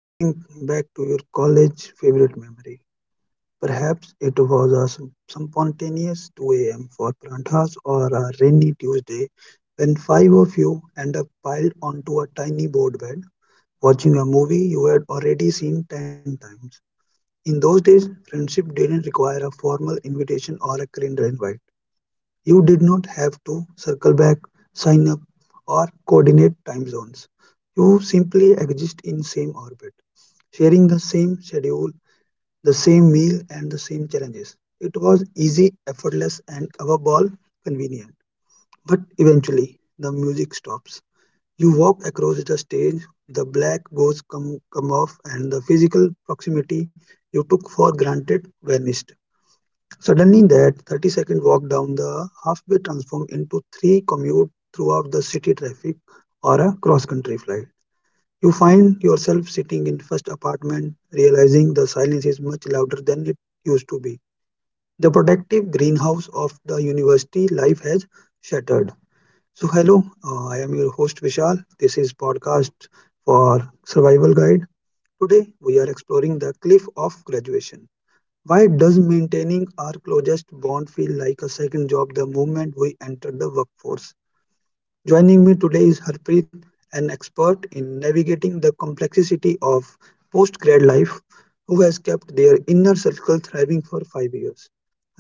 Guys, think back to your college favorite memory. Perhaps it was a some spontaneous 2 a.m. for Pranthas or a rainy Tuesday when five of you end up piled onto a tiny board bed watching a movie you had already seen 10 times. In those days, friendship didn't require a formal invitation or a calendar invite. You did not have to circle back, sign up, or coordinate time zones. You simply exist in same orbit, sharing the same schedule, the same meal, and the same challenges. It was easy, effortless, and above all, convenient. But eventually, the music stops. You walk across the stage, the black ghosts come off, and the physical proximity you took for granted vanished. Suddenly, that 30-second walk down the halfway transforms into three commute throughout the city traffic or a cross country flight. You find yourself sitting in first apartment, realizing the silence is much louder than it used to be. The protective greenhouse of the university life has shattered. So, hello, I am your host Vishal. This is podcast for Survival Guide. Today, we are exploring the cliff of graduation. Why does maintaining our closest bond feel like a second job the moment we enter the workforce? Joining me today is Harpreet, an expert in navigating the complexity of post grad life, who has kept their inner circle thriving for 5 years.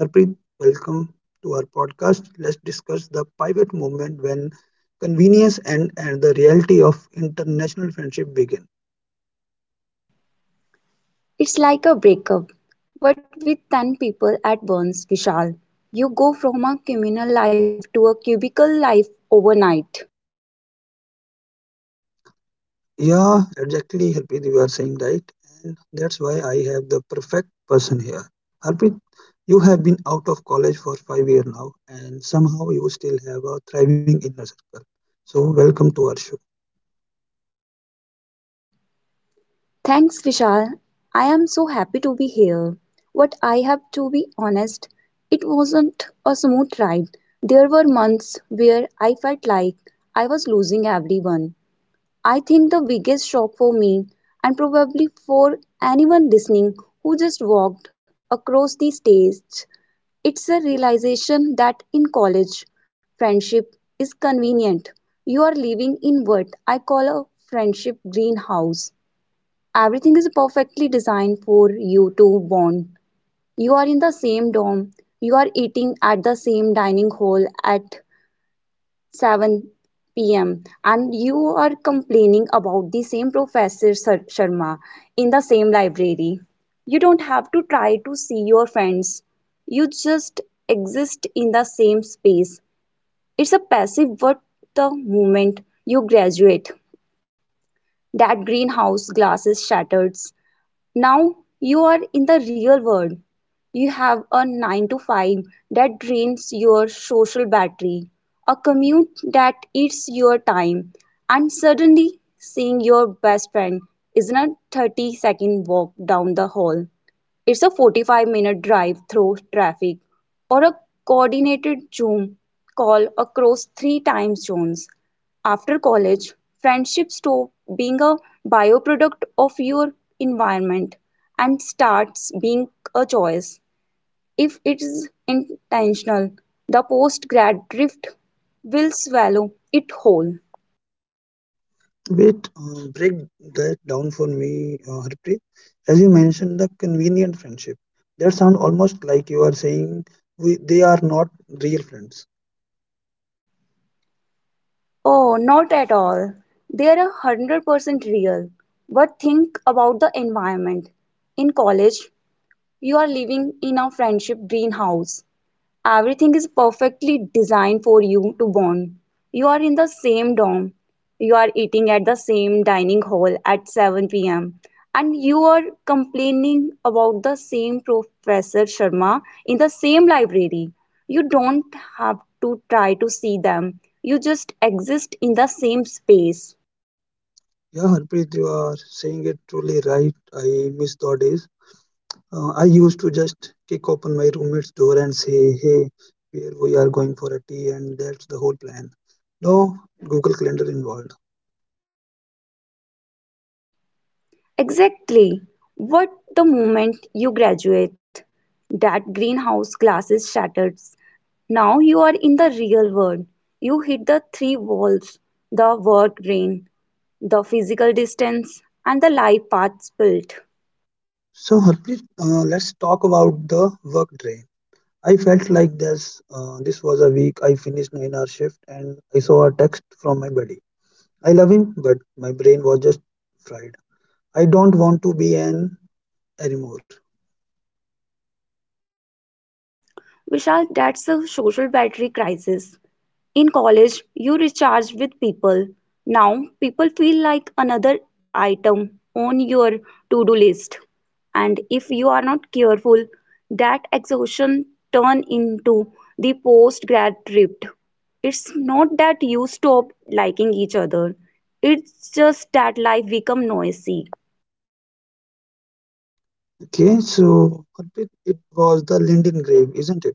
Harpreet, welcome to our podcast. Let's discuss the pivot moment when convenience and the reality of international friendship begin. It's like a breakup, but with 10 people at once, Vishal. You go from a communal life to a cubicle life overnight. Yeah, exactly, Harpreet, you are saying right. And that's why I have the perfect person here. Harpreet, you have been out of college for 5 years now, and somehow you still have a thriving inner circle. So, welcome to our show. Thanks, Vishal. I am so happy to be here. But I have to be honest, it wasn't a smooth ride. There were months where I felt like I was losing everyone. I think the biggest shock for me, and probably for anyone listening who just walked across the stage. It's a realization that in college, friendship is convenient. You are living in what I call a friendship greenhouse. Everything is perfectly designed for you to bond. You are in the same dorm, you are eating at the same dining hall at 7 p.m., and you are complaining about the same Professor Sharma in the same library. You don't have to try to see your friends. You just exist in the same space. It's a passive, what, the moment you graduate. That greenhouse glass is shattered, now you are in the real world. You have a 9 to 5 that drains your social battery, a commute that eats your time, and suddenly seeing your best friend isn't a 30-second walk down the hall. It's a 45-minute drive through traffic or a coordinated Zoom call across three time zones. After college, friendships stop being a byproduct of your environment and starts being a choice. If it is intentional, the post grad drift will swallow it whole. Wait, break that down for me, Harpreet. As you mentioned, the convenient friendship. That sounds almost like you are saying we, they are not real friends. Oh, not at all. They are 100% real. But think about the environment. In college, you are living in a friendship greenhouse. Everything is perfectly designed for you to bond. You are in the same dorm. You are eating at the same dining hall at 7 pm. And you are complaining about the same Professor Sharma in the same library. You don't have to try to see them, you just exist in the same space. Yeah, Harpreet, you are saying it truly right. I miss those days. I used to just kick open my roommate's door and say, "Hey, where we are going for a tea," and that's the whole plan. No Google Calendar involved. Exactly. What, the moment you graduate, that greenhouse glasses shatters. Now you are in the real world. You hit the three walls: the work brain, the physical distance, and the life paths built. So, Harpreet, let's talk about the work drain. I felt like this. This was a week. I finished 9-hour shift, and I saw a text from my buddy. I love him, but my brain was just fried. I don't want to be an anymore. Vishal, that's a social battery crisis. In college, you recharge with people. Now, people feel like another item on your to do list. And if you are not careful, that exhaustion turn into the post grad drift. It's not that you stop liking each other, it's just that life become noisy. Okay, so Harpreet, it was the Linden grave, isn't it?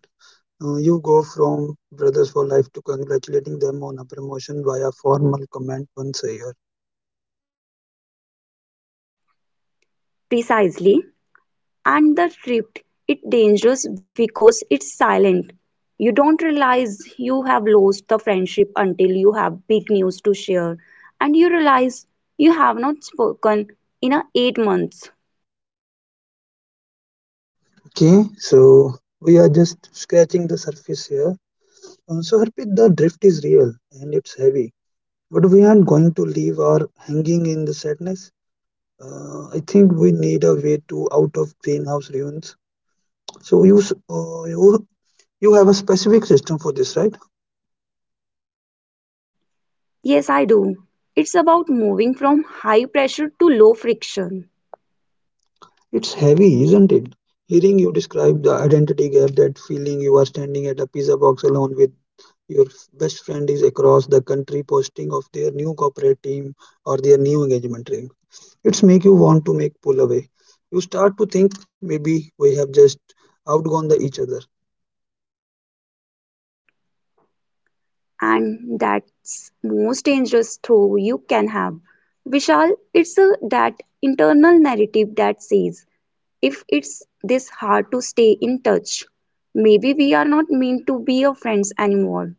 You go from brothers for life to congratulating them on a promotion via formal comment once a year. Precisely. And the tripped, it's dangerous because it's silent. You don't realize you have lost the friendship until you have big news to share, and you realize you have not spoken in a 8 months. Okay, so we are just scratching the surface here. So, Harpreet, the drift is real and it's heavy, but we aren't going to leave our hanging in the sadness. I think we need a way to out of greenhouse ruins. So, you have a specific system for this, right? Yes, I do. It's about moving from high pressure to low friction. It's heavy, isn't it? Hearing you describe the identity gap, that feeling you are standing at a pizza box alone with best friend is across the country posting of their new corporate team or their new engagement ring. It's make you want to make pull away. You start to think maybe we have just outgone the each other. And that's most dangerous throw you can have, Vishal. it's a, that internal narrative that says, if it's this hard to stay in touch, maybe we are not meant to be a friends anymore.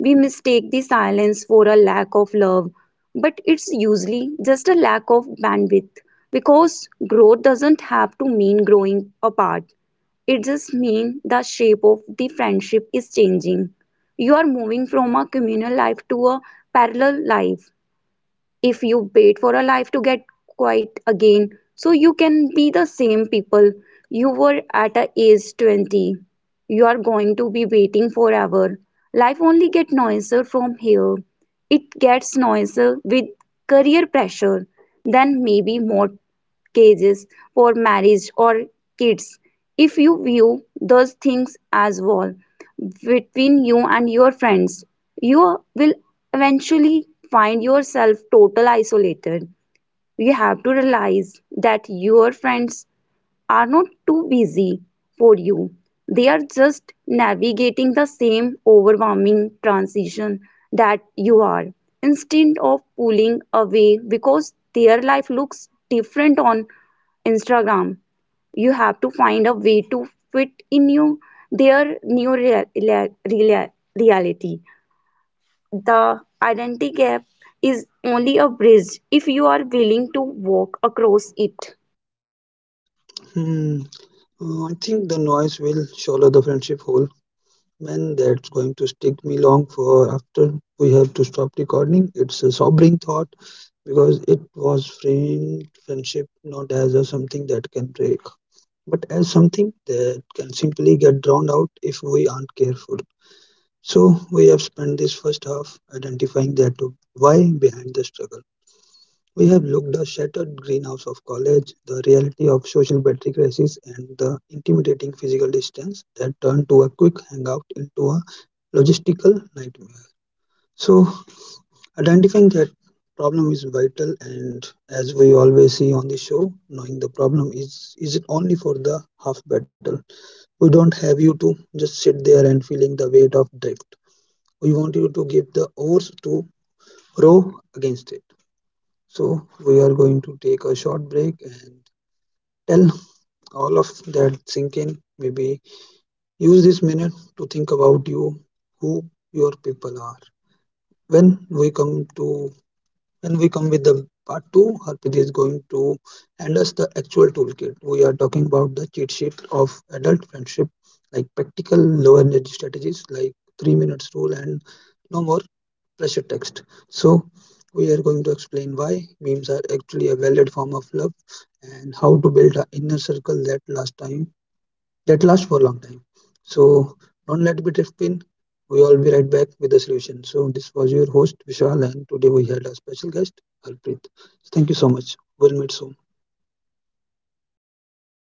We mistake the silence for a lack of love, but it's usually just a lack of bandwidth, because growth doesn't have to mean growing apart. It just means the shape of the friendship is changing. You are moving from a communal life to a parallel life. If you wait for a life to get quiet again so you can be the same people you were at a age 20, you are going to be waiting forever. Life only get noisier from here. It gets noisier with career pressure, then maybe more cages for marriage or kids. If you view those things as wall between you and your friends, you will eventually find yourself total isolated. You have to realize that your friends are not too busy for you. They are just navigating the same overwhelming transition that you are. Instead of pulling away because their life looks different on Instagram, you have to find a way to fit in you, their new reality. The identity gap is only a bridge if you are willing to walk across it. Hmm. I think the noise will swallow the friendship whole. Man, that's going to stick me long for after we have to stop recording. It's a sobering thought because it was framed friendship not as a something that can break but as something that can simply get drowned out if we aren't careful. So, we have spent this first half identifying that why behind the struggle. We have looked at the shattered greenhouse of college, the reality of social battery crisis, and the intimidating physical distance that turned to a quick hangout into a logistical nightmare. So, identifying that problem is vital, and as we always see on the show, knowing the problem is it only for the half battle. We don't have you to just sit there and feeling the weight of drift. We want you to give the oars to row against it. So we are going to take a short break and tell all of that sink in. Maybe use this minute to think about you, who your people are. When we come to when we come with the part 2, Harpreet is going to hand us the actual toolkit. We are talking about the cheat sheet of adult friendship, like practical low energy strategies, like 3 minutes rule, and no more pressure text. So, we are going to explain why memes are actually a valid form of love and how to build an inner circle that lasts for a long time. So don't let it be drift in. We all be right back with the solution. So this was your host Vishal, and today we had a special guest Harpreet. Thank you so much. We'll meet soon.